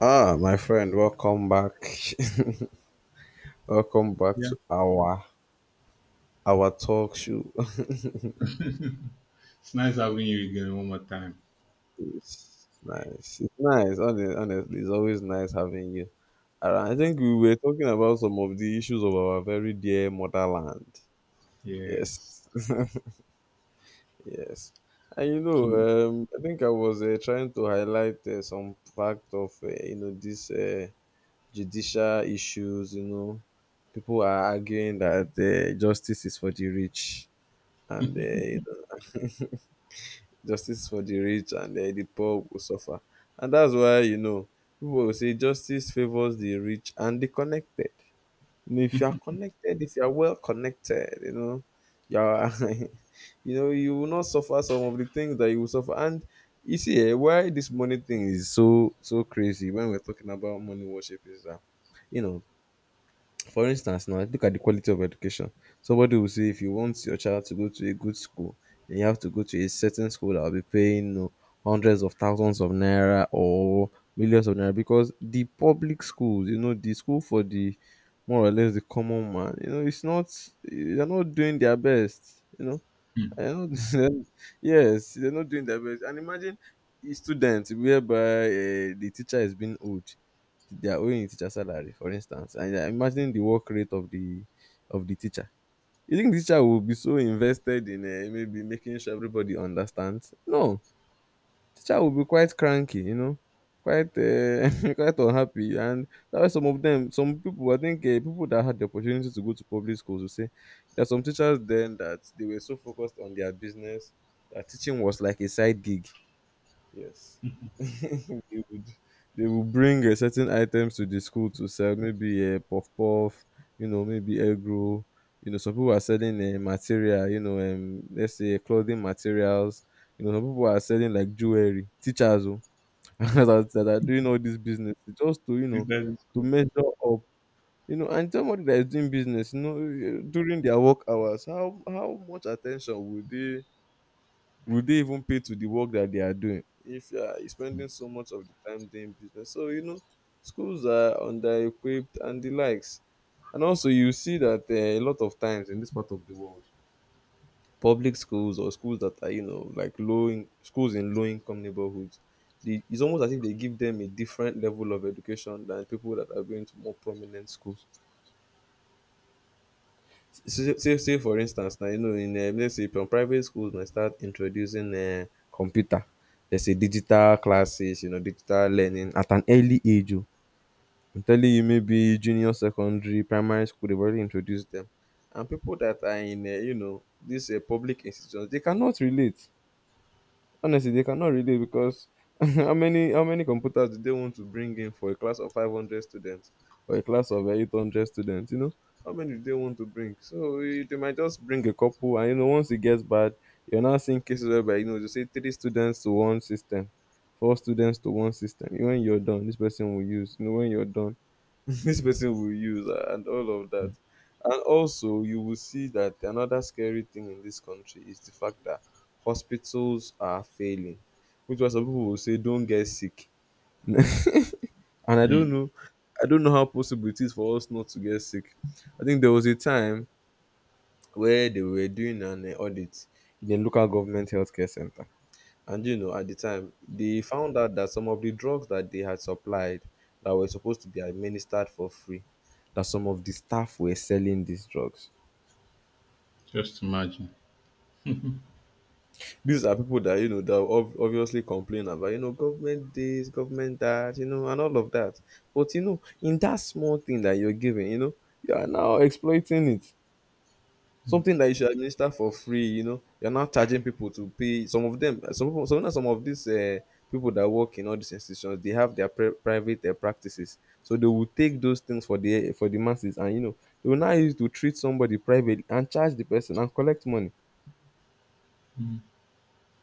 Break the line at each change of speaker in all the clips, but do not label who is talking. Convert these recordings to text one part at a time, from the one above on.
Ah, my friend, welcome back. Welcome back
Yeah.
to our talk show.
It's nice having you again one more time.
It's nice. It's nice. Honestly, it's always nice having you around. I think we were talking about some of the issues of our very dear motherland. Yes.
Yes.
Yes. And you
So,
know, I think I was trying to highlight some fact of these judicial issues. People are arguing that justice is for the rich. And know, justice for the rich and the poor will suffer. And that's why people will say justice favors the rich and the connected. If you are connected, if you are well connected, you are, you will not suffer some of the things that you will suffer. And you see, why this money thing is so crazy when we're talking about money worship is that, you know for instance now, look at the quality of education. Somebody will say if you want your child to go to a good school, then you have to go to a certain school that will be paying, hundreds of thousands of naira or millions of naira, because the public schools, you know, the school for the more or less the common man, you know, it's not they're not doing their best.
mm,
I know them. Yes, they're not doing their best. And imagine a student whereby the teacher is being owed. They are owing the teacher salary, for instance. And imagine the work rate of the teacher. You think the teacher will be so invested in, maybe making sure everybody understands? No, teacher will be quite cranky, you know, quite quite unhappy, and that's why some of them, some people, I think, people that had the opportunity to go to public schools will say there are some teachers then that they were so focused on their business that teaching was like a side gig. Yes, they would, bring certain items to the school to sell, maybe puff puff, maybe egg roll. Some people are selling material, let's say clothing materials. Some people are selling like jewelry. Teachers, oh, that are doing all this business just to,
think that is
to
good.
measure up, and somebody that is doing business, you know, during their work hours, how much attention would they even pay to the work that they are doing, if you are spending so much of the time doing business? So, schools are under equipped and the likes. And also you see that a lot of times in this part of the world, public schools or schools that are, like schools in low income neighborhoods, it's almost as if they give them a different level of education than people that are going to more prominent schools. Say for instance now, you know, in, let's say, from private schools, they start introducing computer, there's say digital classes, digital learning at an early age. Oh, I'm telling you, maybe junior secondary primary school, they've already introduced them, and people that are in, these public institutions, they cannot relate. Honestly, they cannot relate, because how many computers do they want to bring in for a class of 500 students or a class of 800 students? How many do they want to bring? So, they might just bring a couple, and, once it gets bad, you're now seeing cases whereby, they say three students to one system, four students to one system. When you're done, this person will use. When you're done, this person will use, and all of that. And also, you will see that another scary thing in this country is the fact that hospitals are failing, which was, some people will say, "Don't get sick," and I don't
Mm,
know, I don't know how possible it is for us not to get sick. I think there was a time where they were doing an audit in a local government healthcare center, and, at the time, they found out that some of the drugs that they had supplied, that were supposed to be administered for free, that some of the staff were selling these drugs.
just imagine.
These are people that, you know, that obviously complain about, you know, government this, government that, you know, and all of that. But, you know, in that small thing that you're giving, you know, you are now exploiting it,
Mm.
something that you should administer for free. You're now charging people to pay. Some of them, some people, some of these people that work in all these institutions, they have their private practices, so they will take those things for the masses, and, they will now use to treat somebody privately and charge the person and collect money.
Mm.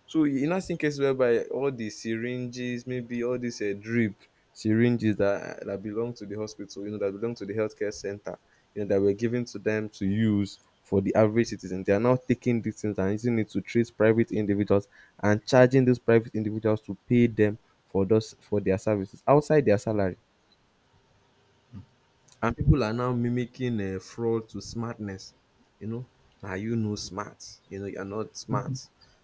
So, you not seen cases whereby all the syringes, maybe all these drip syringes that belong to the hospital, you know, that belong to the healthcare center, you know, that were given to them to use for the average citizen. They are now taking these things and using it to treat private individuals, and charging those private individuals to pay them for those for their services outside their salary. And people are now mimicking fraud to smartness. You know, are you no smart? You're not smart.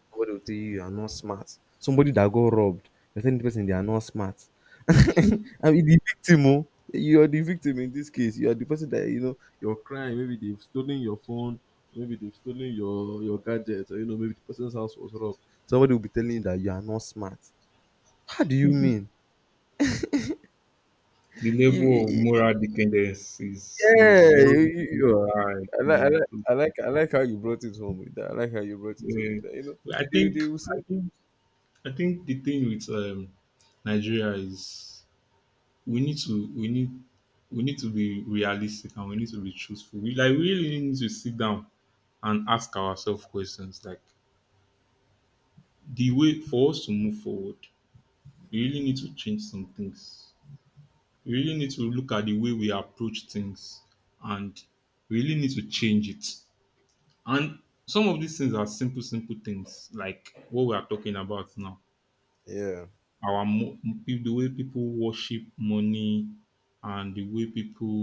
Somebody will tell you you are not smart. Somebody that got robbed, you're telling the person they are not smart. I mean, the victim, oh, you are the victim in this case. You are the person that, you know, your crime, maybe they've stolen your phone, maybe they've stolen your gadget, or maybe the person's house was robbed. Somebody will be telling you that you are not smart. How do you mean?
The level of moral decadence is
Yeah,
is
you,
very
you, you are.
high.
I like, I like, I like, I like how you brought it home with that. I like how you brought it home with
Eh,
that.
I
They,
think
they will
I
see.
think I think the thing with Nigeria is we need to we need we need to be realistic and we need to be truthful. We really need to sit down and ask ourselves questions, like the way for us to move forward, we really need to change some things. We really need to look at the way we approach things, and we really need to change it. And some of these things are simple, simple things, like what we are talking about now.
Yeah,
Our mo- the way people worship money, and the way people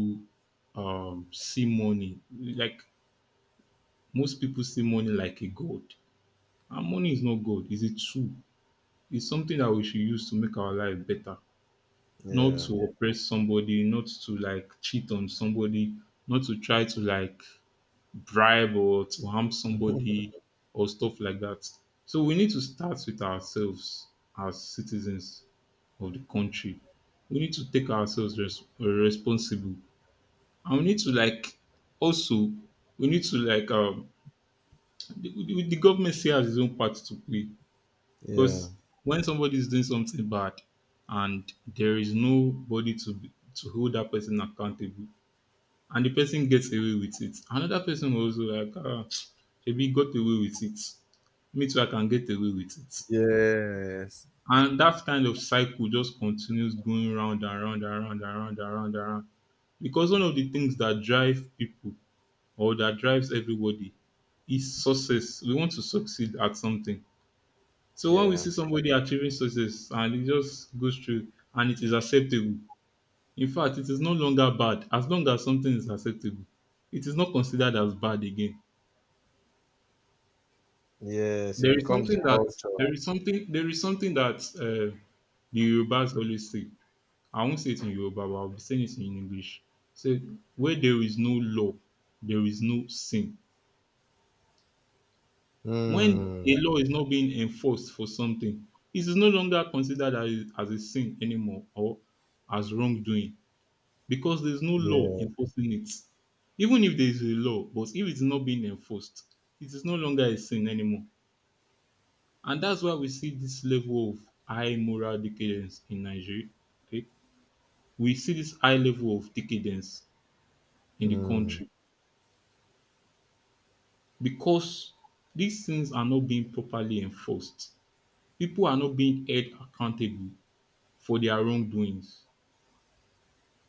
see money. Like most people see money like a god, and money is not god. It's a tool. It's something that we should use to make our life better, not
yeah,
to oppress somebody, not to like cheat on somebody, not to try to like bribe or to harm somebody or stuff like that. So we need to start with ourselves as citizens of the country. We need to take ourselves responsible, and we need to, like, also, we need to like the government still has its own part to play.
yeah,
Because when somebody is doing something bad and there is nobody to hold that person accountable, and the person gets away with it, another person will also like, maybe got away with it. Me too, I can get away with it.
yes,
And that kind of cycle just continues going round and round and round and round and round and round. Because one of the things that drive people, or that drives everybody, is success. We want to succeed at something. So when we
yeah,
see somebody achieving success and it just goes through and it is acceptable, in fact, it is no longer bad. As long as something is acceptable, it is not considered as bad again.
yes. It
There is
becomes the
something that
culture.
there is something that the Yorubas always say. I won't say it in Yoruba, but I'll be saying it in English. Say, where there is no law, there is no sin. When
Mm,
a law is not being enforced for something, it is no longer considered as, a sin anymore, or as wrongdoing, because there's no law
yeah,
enforcing it. Even if there is a law, but if it's not being enforced, it is no longer a sin anymore. And that's why we see this level of high moral decadence in Nigeria. Okay, we see this high level of decadence in the
mm,
country because these things are not being properly enforced. People are not being held accountable for their wrongdoings.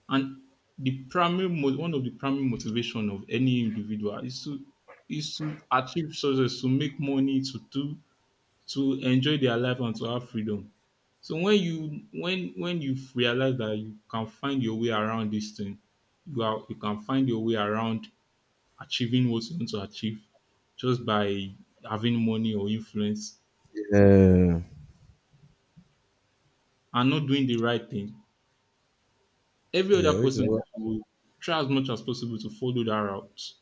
And the primary mo one of the primary motivation of any individual is to achieve success, to make money, to enjoy their life and to have freedom. So when you, when you realize that you can find your way around this thing, you can find your way around achieving what you want to achieve, just by having money or influence
yeah,
and not doing the right thing. Every other
yeah. Which is
person
what.
will try as much as possible to follow that route.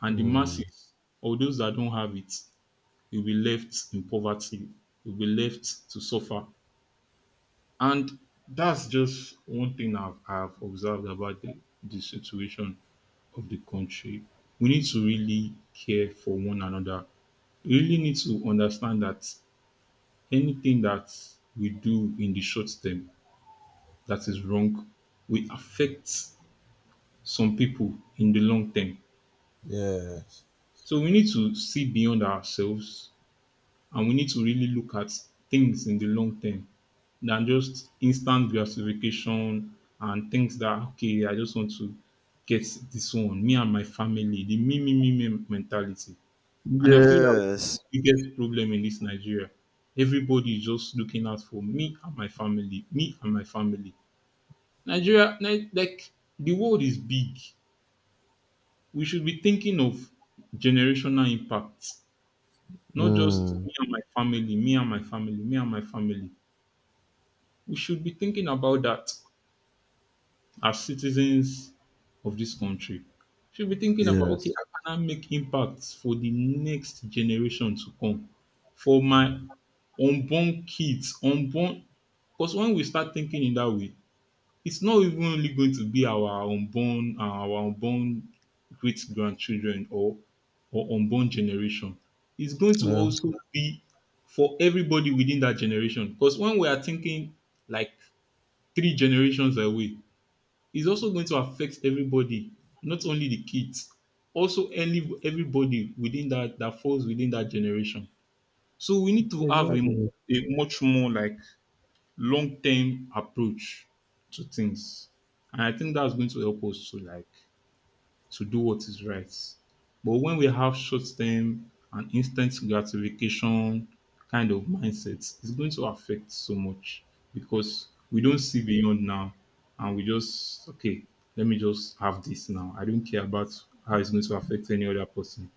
And the masses, or those that don't have it, will be left in poverty, will be left to suffer. And that's just one thing I've observed about the situation of the country. We need to really care for one another. We really need to understand that anything that we do in the short term that is wrong will affect some people in the long term.
Yes,
So we need to see beyond ourselves. And we need to really look at things in the long term, than just instant gratification and things that, okay, I just want to get this one, me and my family, the me, me, me, me mentality. And I feel that the
yes,
biggest problem in this Nigeria. Everybody is just looking out for me and my family, me and my family. Nigeria, like the world is big. We should be thinking of generational impacts, not just
mm,
me and my family, me and my family, me and my family. We should be thinking about that as citizens of this country. We should be thinking about, okay,
yes.
how can I make impacts for the next generation to come, for my unborn kids, unborn. Because when we start thinking in that way, it's not even only going to be our unborn, great grandchildren or unborn generation. It's going to
Yeah,
also be for everybody within that generation. Because when we are thinking like three generations away, is also going to affect everybody, not only the kids, also any everybody within that that falls within that generation. So we need to have a,
exactly.
a much more, like, long term approach to things, and I think that's going to help us to, like, to do what is right. But when we have short term and instant gratification kind of mindset, it's going to affect so much, because we don't see beyond now and we just, okay, let me just have this now. I don't care about how it's going to affect any other person.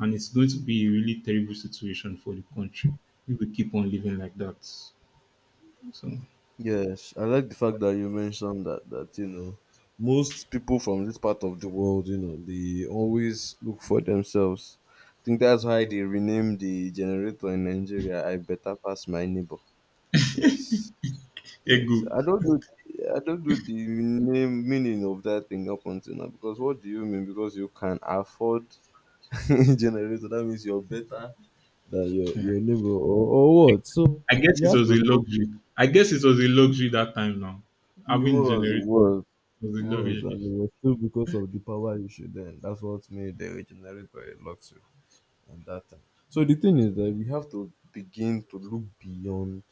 And it's going to be a really terrible situation for the country if we keep on living like that. So,
Yes, I like the fact that you mentioned that, that you know most people from this part of the world, you know, they always look for themselves. I think that's why they renamed the generator in Nigeria "I better pass my neighbor." Yes,
hey,
yes.
good.
I don't know. I don't know the name meaning of that thing up until now, because what do you mean? Because you can afford generator, that means you're better than your neighbor, or what? So
I guess
you
it
have
was
to
a
stop.
luxury. I guess it was a luxury that time now.
It
Having
was. It
generator
was.
was a
It was,
luxury.
and it was still because of the power issue then. That's what made the regenerate by luxury at that time. So the thing is that we have to begin to look beyond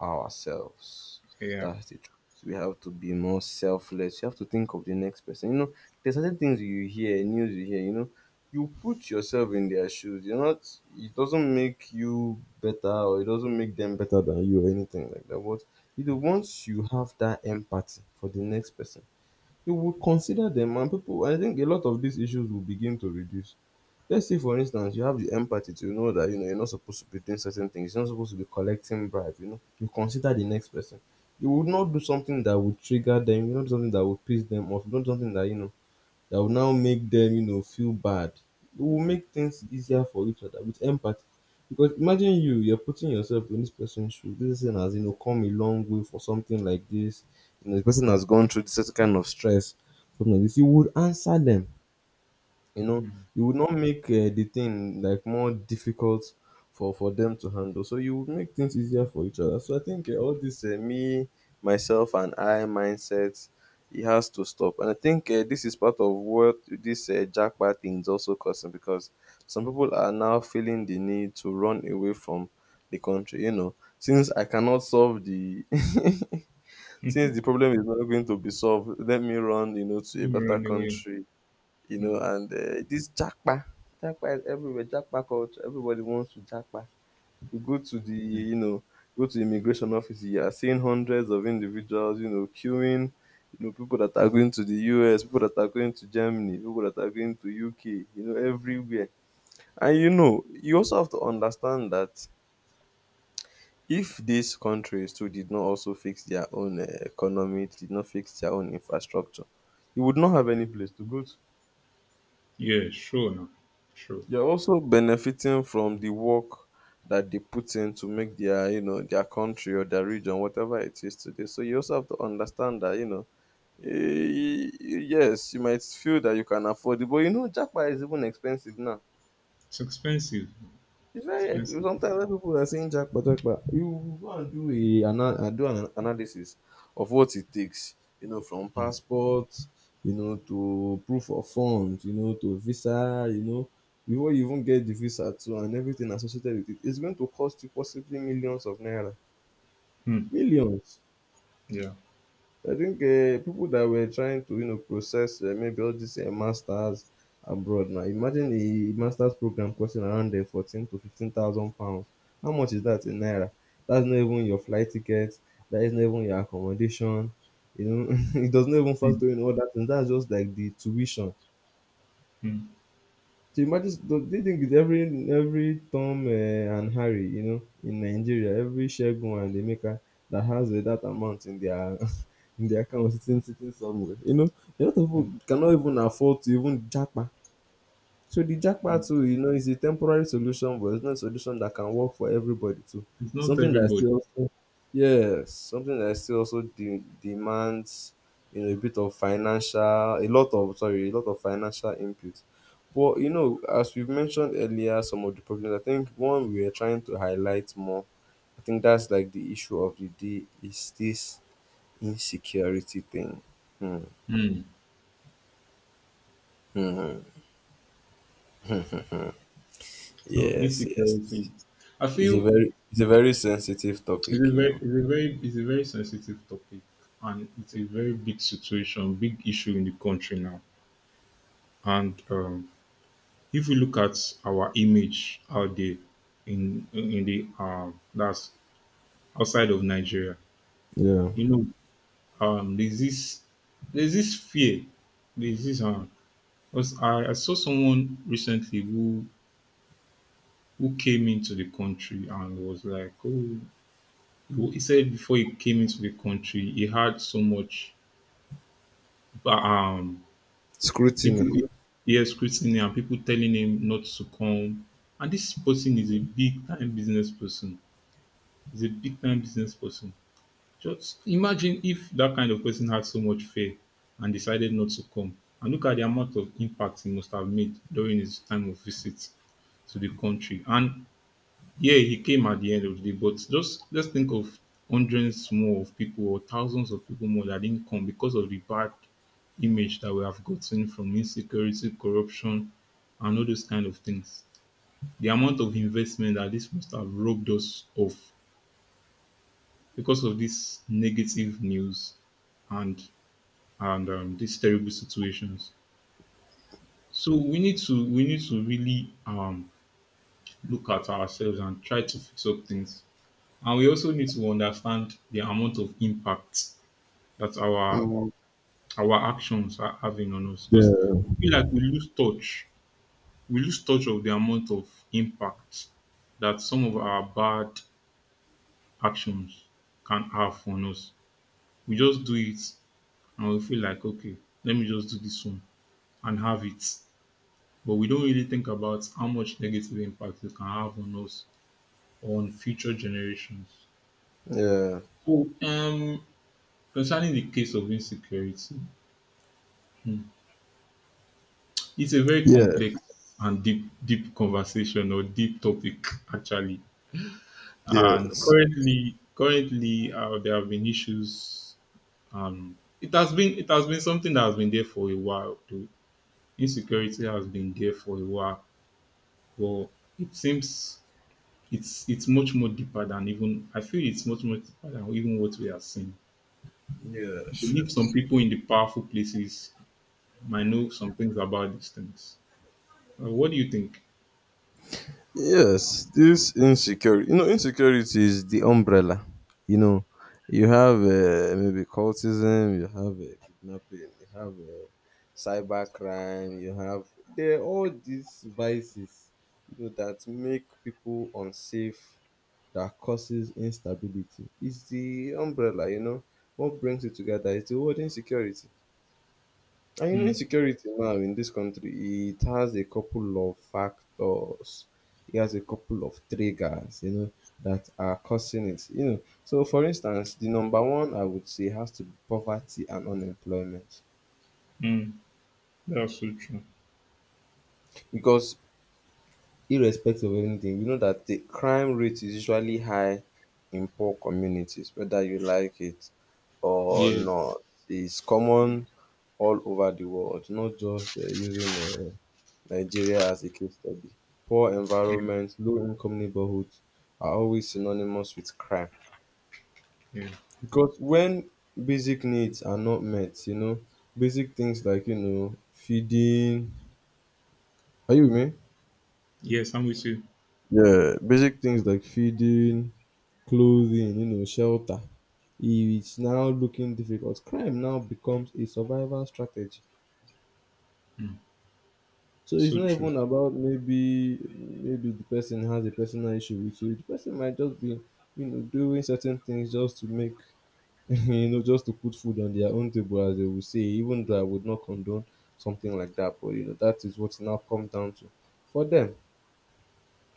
ourselves.
Yeah.
That's the truth. We have to be more selfless. You have to think of the next person. There's certain things you hear, news you hear, you put yourself in their shoes. You're not It doesn't make you better, or it doesn't make them better than you, or anything like that. But, once you have that empathy for the next person, you would consider them, and people, I think, a lot of these issues will begin to reduce. Let's say, for instance, you have the empathy to know that, you're not supposed to be doing certain things, you're not supposed to be collecting bribe. You consider the next person, you would not do something that would trigger them, something that would piss them off. You don't do something that, that will now make them, feel bad. It will make things easier for each other with empathy. Because imagine you, you're putting yourself in this person's shoes. This person has, you know, come a long way for something like this. You know, the person has gone through this certain kind of stress, something like this. You would answer them you know
Mm.
you would not make the thing like more difficult for them to handle, so you would make things easier for each other. So I think, all this me, myself and I mindset, it has to stop. And I think, this is part of what this jackpot thing is also causing, because some people are now feeling the need to run away from the country. You know, since I cannot solve the since the problem is not going to be solved, let me run, you know, to a
Let me
better
run away.
country. You know,
Mm.
and this jackpa is everywhere. Jackpa culture, everybody wants to jackpa. You go to the, you know, go to the immigration office, you are seeing hundreds of individuals, you know, queuing, you know, people that are going to the US, people that are going to Germany, people that are going to UK, you know, everywhere. And you know, you also have to understand that if these countries too did not also fix their own economy, did not fix their own infrastructure, you would not have any place to go to.
Yeah, sure now. Sure.
You're also benefiting from the work that they put in to make their, you know, their country or their region, whatever it is today. So you also have to understand that, you know, eh, yes, you might feel that you can afford it, but you know, jackpot is even expensive now.
It's expensive.
It's very
Expensive.
sometimes when people are saying jackpot, jackpot, you go and do a do an analysis of what it takes, you know, from
Mm.
passport, you know, to proof of funds, you know, to visa, you know, before you even get the visa too, and everything associated with it, it's going to cost you possibly millions of naira,
Mm.
millions.
Yeah.
I think, people that were trying to, you know, process, maybe all these masters abroad now. Imagine a master's program costing around fourteen to fifteen thousand pounds. How much is that in naira? That's not even your flight ticket. That is not even your accommodation. You know, it does not even
Mm.
factor in all that, and that's just like the tuition.
Mm.
So imagine the thing is, every Tom and Harry, you know, in Nigeria, every Shegun and Emeka that has that amount in their in their account sitting somewhere. You know, a lot of
Mm.
people cannot even afford to even japa, so the jackpot too, you know, is a temporary solution, but it's not a solution that can work for everybody too.
It's not
Something that
everybody.
still also, yes, something that still also demands, you know, a bit of financial, a lot of, sorry, a lot of financial input. But you know, as we've mentioned earlier, some of the problems. I think one we are trying to highlight more. I think that's like the issue of the day is this insecurity thing. Hmm.
Mm.
Hmm.
So
Yes, yes,
insecurity.
yes.
I
It's a
feel
very, it's a very sensitive topic, you know.
it's a very sensitive topic, and it's a very big situation, big issue in the country now. And if we look at our image out there, in the that's outside of Nigeria,
Yeah.
you know, um, there's this there's this fear, there's this. Cause I saw someone recently, who came into the country, and was like, oh, he said before he came into the country, he had so much, but people
Scrutiny.
yeah, scrutiny and people telling him not to come, and this person is a big time business person. He's a big time business person. Just imagine if that kind of person had so much fear and decided not to come. And look at the amount of impact he must have made during his time of visit to the country. And yeah, he came at the end of the day, but just let's think of hundreds more of people, or thousands of people more, that didn't come because of the bad image that we have gotten from insecurity, corruption, and all those kind of things. The amount of investment that this must have robbed us of, because of this negative news and and these terrible situations. So we need to really look at ourselves and try to fix up things. And we also need to understand the amount of impact that our
Mm.
our actions are having on us. Because
Yeah.
I feel like we lose touch. We lose touch of the amount of impact that some of our bad actions can have on us. We just do it and we feel like, okay, let me just do this one and have it. But we don't really think about how much negative impact it can have on us or on future generations.
Yeah.
So, concerning the case of insecurity, hmm, it's a very
Yes.
complex and deep, deep conversation, or deep topic actually. And
Yes.
currently, there have been issues. It has been something that has been there for a while. Though. Insecurity has been there for a while. But it seems it's much more deeper than even, I feel it's much more deeper than even what we are seeing. I
Yes.
believe some people in the powerful places might know some things about these things. What do you think?
Yes, this insecurity. You know, insecurity is the umbrella. You know, you have, maybe cultism, you have, kidnapping, you have, cybercrime, you have. There are all these vices, you know, that make people unsafe, that causes instability. It's the umbrella, you know, what brings it together. It's the word insecurity. And you know,
Mm,
insecurity now in this country, it has a couple of factors. It has a couple of triggers, you know, that are causing it. You know, so for instance, the number one I would say has to be poverty and unemployment.
mm, that's so true.
Because irrespective of anything, we know that the crime rate is usually high in poor communities, whether you like it or
Yeah,
not. It's common all over the world, not just using Nigeria as a case study. Poor environments, low income neighborhoods are always synonymous with crime.
yeah,
Because when basic needs are not met, you know, basic things like, you know, feeding. Are you with me?
yes, I'm with you.
Yeah, basic things like feeding, clothing, you know, shelter. If it's now looking difficult, crime now becomes a survival strategy. So it's
So
not
true.
even about maybe the person has a personal issue with you. The person might just be, you know, doing certain things just to make you know, just to put food on their own table, as they will say, even though I would not condone something like that. But you know, that is what now comes down to for them.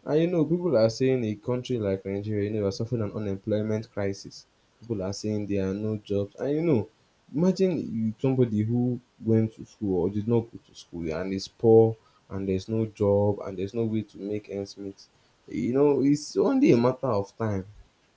And you know, people are saying a country like Nigeria, you know, are suffering an unemployment crisis. People are saying there are no jobs. And you know, imagine you, somebody who went to school or did not go to school and is poor, and there's no job and there's no way to make ends meet. You know, it's only a matter of time.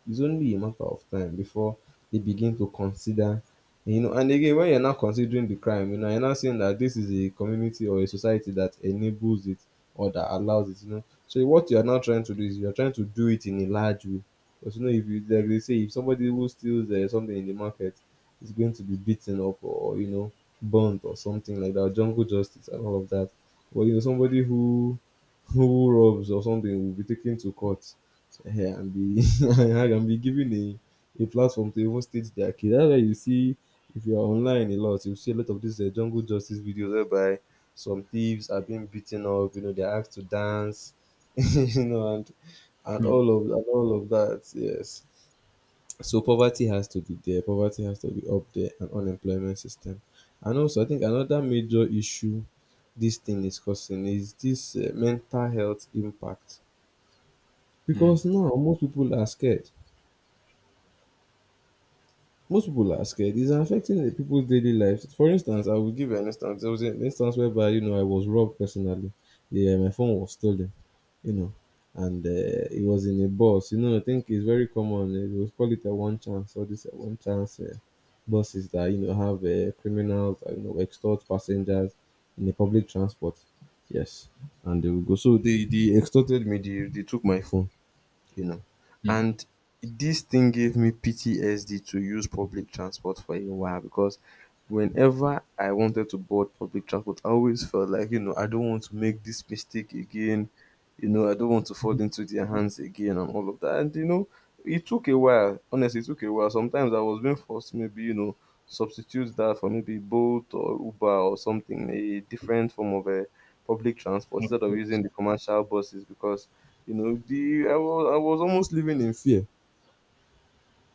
It's only a matter of time before they begin to consider, you know. And again, when you're not considering the crime, you know, you're not saying that this is a community or a society that enables it or that allows it, you know, so what you are now trying to do is you are trying to do it in a large way. Because you know, if you like, they say, if somebody who steals something in the market is going to be beaten up or, you know, burnt or something like that, jungle justice and all of that. But you know, somebody who robs or something will be taken to court, eh, and be and be given a platform to even state their case. That's why you see, if you're online a lot, you see a lot of these jungle justice videos whereby some thieves are being beaten up. You know, they're asked to dance, you know, and
Mm,
and all of that. Yes. So poverty has to be there, poverty has to be up there, and unemployment system. And also, I think another major issue this thing is causing is this mental health impact.
mm,
Because now most people are scared. Most people are scared. It's affecting the people's daily lives. For instance, I will give you an instance. There was an instance whereby, you know, I was robbed personally. Yeah, my phone was stolen. You know, and it was in a bus. You know, I think it's very common. They would call it a one chance, or this a one chance buses that, you know, have criminals that, you know, extort passengers in the public transport. Yes, and they will go. So they extorted me. They took my phone, you know.
mm.
And this thing gave me PTSD to use public transport for a while, because whenever I wanted to board public transport, I always felt like, you know, I don't want to make this mistake again. You know, I don't want to fall into their hands again and all of that. And, you know, it took a while. Honestly, it took a while. Sometimes I was being forced to, maybe, you know, substitute that for maybe Bolt or Uber or something, a different form of a public transport instead of using
Of
the commercial buses because, you know, the I was almost living in fear,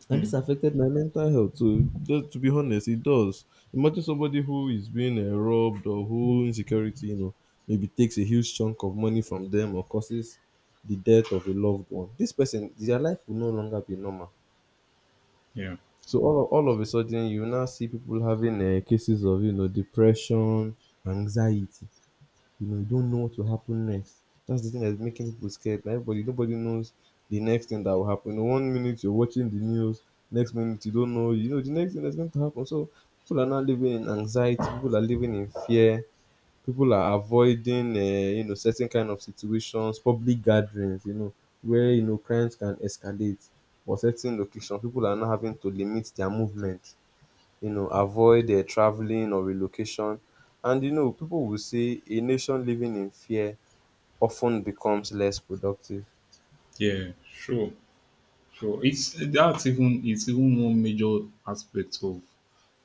and this
Mm,
affected my mental health, so just to be honest, it does. Imagine somebody who is being, robbed, or who insecurity, you know, maybe takes a huge chunk of money from them, or causes the death of a loved one, this person, their life will no longer be normal.
yeah,
So all of a sudden you now see people having cases of, you know, depression, anxiety, you know, you don't know what will happen next. That's the thing that's making people scared. Now everybody, nobody knows the next thing that will happen. You know, one minute you're watching the news, next minute you don't know, you know, the next thing that's going to happen. So people are now living in anxiety, people are living in fear, people are avoiding, you know, certain kind of situations, public gatherings, you know, where, you know, crimes can escalate, or certain locations. People are now having to limit their movement, you know, avoid traveling or relocation. And you know, people will say a nation living in fear often becomes less productive.
yeah, sure, sure. It's even one major aspect of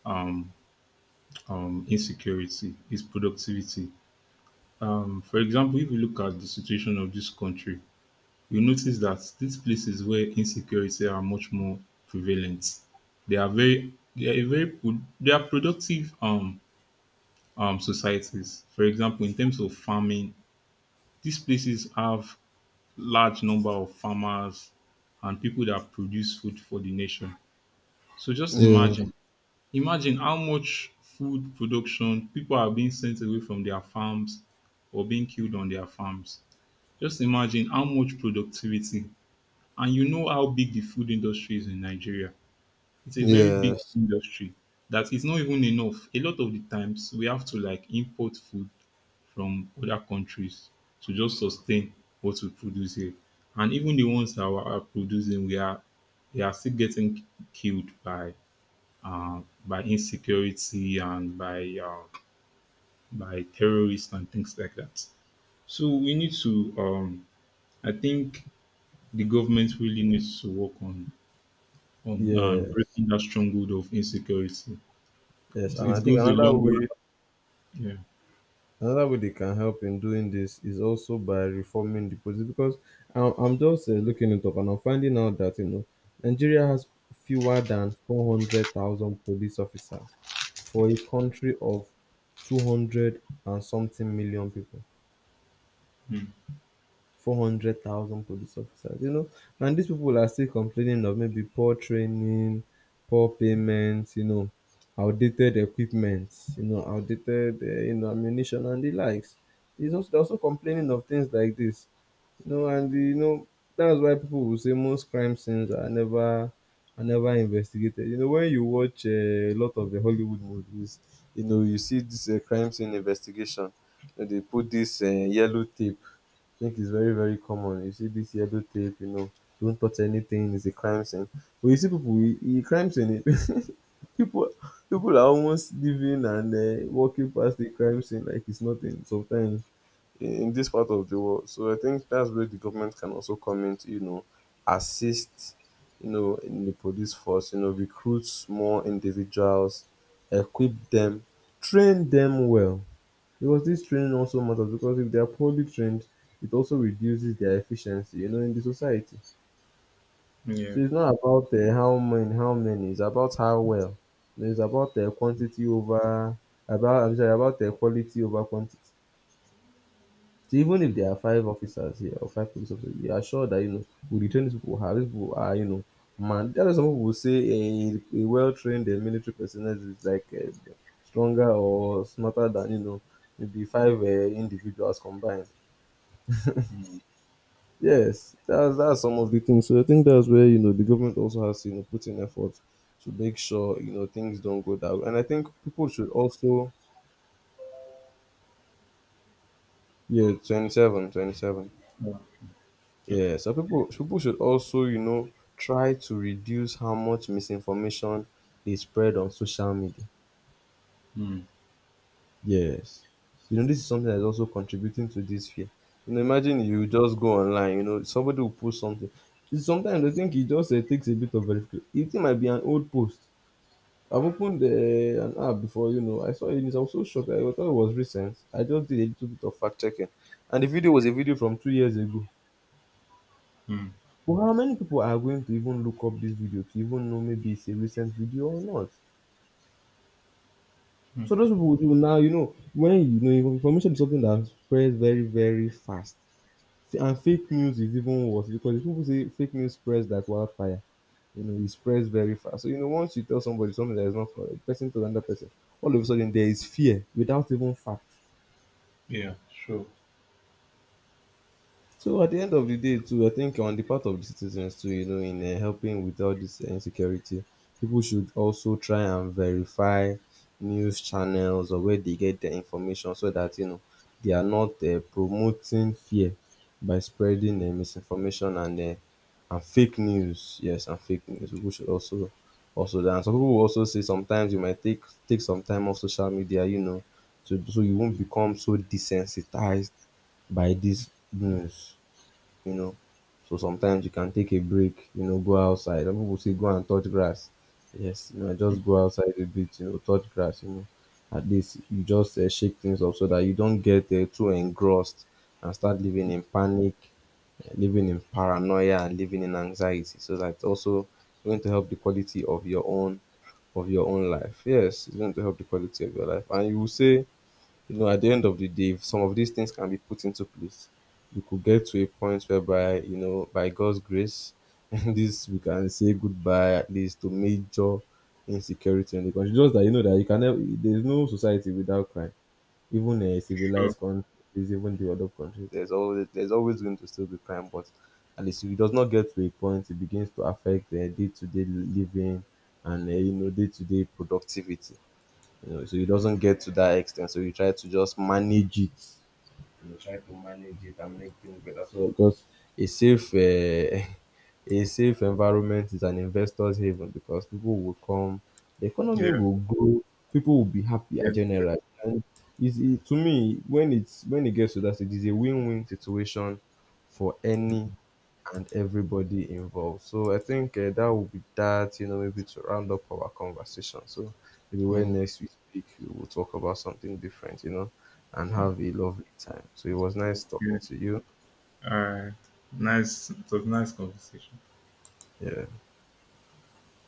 um insecurity, is productivity. For example, if you look at the situation of this country, you notice that these places where insecurity are much more prevalent, they are very, they are a very, pro- they are productive societies. For example, in terms of farming, these places have large number of farmers and people that produce food for the nation. So just
Yeah.
imagine how much food production, people are being sent away from their farms or being killed on their farms. Just imagine how much productivity, and you know how big the food industry is in Nigeria. It's a very big
Yes.
industry, that is not even enough. A lot of the times we have to like import food from other countries to just sustain what we produce here. And even the ones that are producing, we are they are still getting killed by uh, insecurity, and by terrorists and things like that. So we need to I think the government really needs to work on
Yes.
breaking that stronghold of insecurity.
Yes.
'Cause
And I
it
think
goes a
another
long
way,
way. Yeah.
another way they can help in doing this is also by reforming the police. Because I'm just looking it up, and I'm finding out that, you know, Nigeria has fewer than 400,000 police officers for a country of 200 and something million people.
Mm.
400,000 police officers, you know. And these people are still complaining of maybe poor training, poor payments, you know, outdated equipment, you know, outdated, you know, ammunition and the likes. It's also, they're also complaining of things like this, you know, and you know that's why people will say most crime scenes are never, are never investigated. You know, when you watch a lot of the Hollywood movies, you know, you see this crime scene investigation. You know, they put this yellow tape. I think it's very, very common. You see this yellow tape, you know, don't touch anything, it's a crime scene. But you see people, people, people are almost living and walking past the crime scene like it's nothing sometimes in this part of the world. So I think that's where the government can also come in to, you know, assist, you know, in the police force, you know, recruit more individuals, equip them, train them well. Because this training also matters, because if they are poorly trained, it also reduces their efficiency, you know, in the society. So
Yeah.
it's not about how many. It's about how well. You know, It's about the quantity over about. I'm sorry, about the quality over quantity. So even if there are five officers here or five police officers, you are sure that, you know, with the training people have, these people are, you know, man. That's why some people will say a well-trained military personnel is like stronger or smarter than, you know, maybe five individuals combined. Yes, that's some of the things. So I think that's where, you know, the government also has to, you know, put in effort to make sure, you know, things don't go that way. And I think people should also yeah 27 27.
Wow. Okay.
Yeah, so people should also, you know, try to reduce how much misinformation they spread on social media.
Mm.
Yes, you know, this is something that is also contributing to this fear. You know, imagine you just go online. You know, somebody will post something. Sometimes I think it just takes a bit of verification. It might be an old post. I've opened an app before, you know. I saw it and I was so shocked. I thought it was recent. I just did a little bit of fact checking. And the video was a video from 2 years ago.
Mm.
But how many people are going to even look up this video to even know maybe it's a recent video or not?
Mm.
So those people will now, you know, when, you know, information is something that spreads very, very fast. And fake news is even worse, because if people say fake news spreads like wildfire, you know, it spreads very fast. So, you know, once you tell somebody something that is not correct, person to another person, all of a sudden there is fear without even fact.
Yeah. Sure.
So at the end of the day, too, I think on the part of the citizens too, you know, in helping with all this insecurity, people should also try and verify news channels or where they get their information, so that, you know, they are not promoting fear by spreading misinformation and and fake news. Yes, and fake news. People should also also that. And some people will also say sometimes you might take some time off social media, you know, to so you won't become so desensitized by this news, you know. So sometimes you can take a break, you know, go outside. Some people say go and touch grass. Yes, you know, just go outside a bit, you know, touch grass, you know. At least you just shake things up so that you don't get too engrossed and start living in panic, living in paranoia, and living in anxiety. So that's also going to help the quality of your own life. Yes, it's going to help the quality of your life. And you will say, you know, at the end of the day, if some of these things can be put into place, we could get to a point whereby, you know, by God's grace, and this we can say goodbye at least to major insecurity in the country. Just that you know that you can never, there's no society without crime. Even a
Sure.
civilized country, even developed countries, there's always going to still be crime. But at least if it does not get to a point, it begins to affect the day to day living and you know, day to day productivity, you know, so it doesn't get to that extent. So you try to just manage it you try to manage it and make things better, so because a safe a safe environment is an investor's haven, because people will come, the economy
Yeah.
will grow, people will be happier
Yes.
generally, and to me, when it gets to that stage, it's a win-win situation for any and everybody involved. So I think that will be that, you know, maybe to round up our conversation. So maybe
Yeah.
when next we speak, we will talk about something different, you know, and have a lovely time. So it was nice
Yeah.
talking to you.
All right. Nice. It was a nice conversation.
Yeah.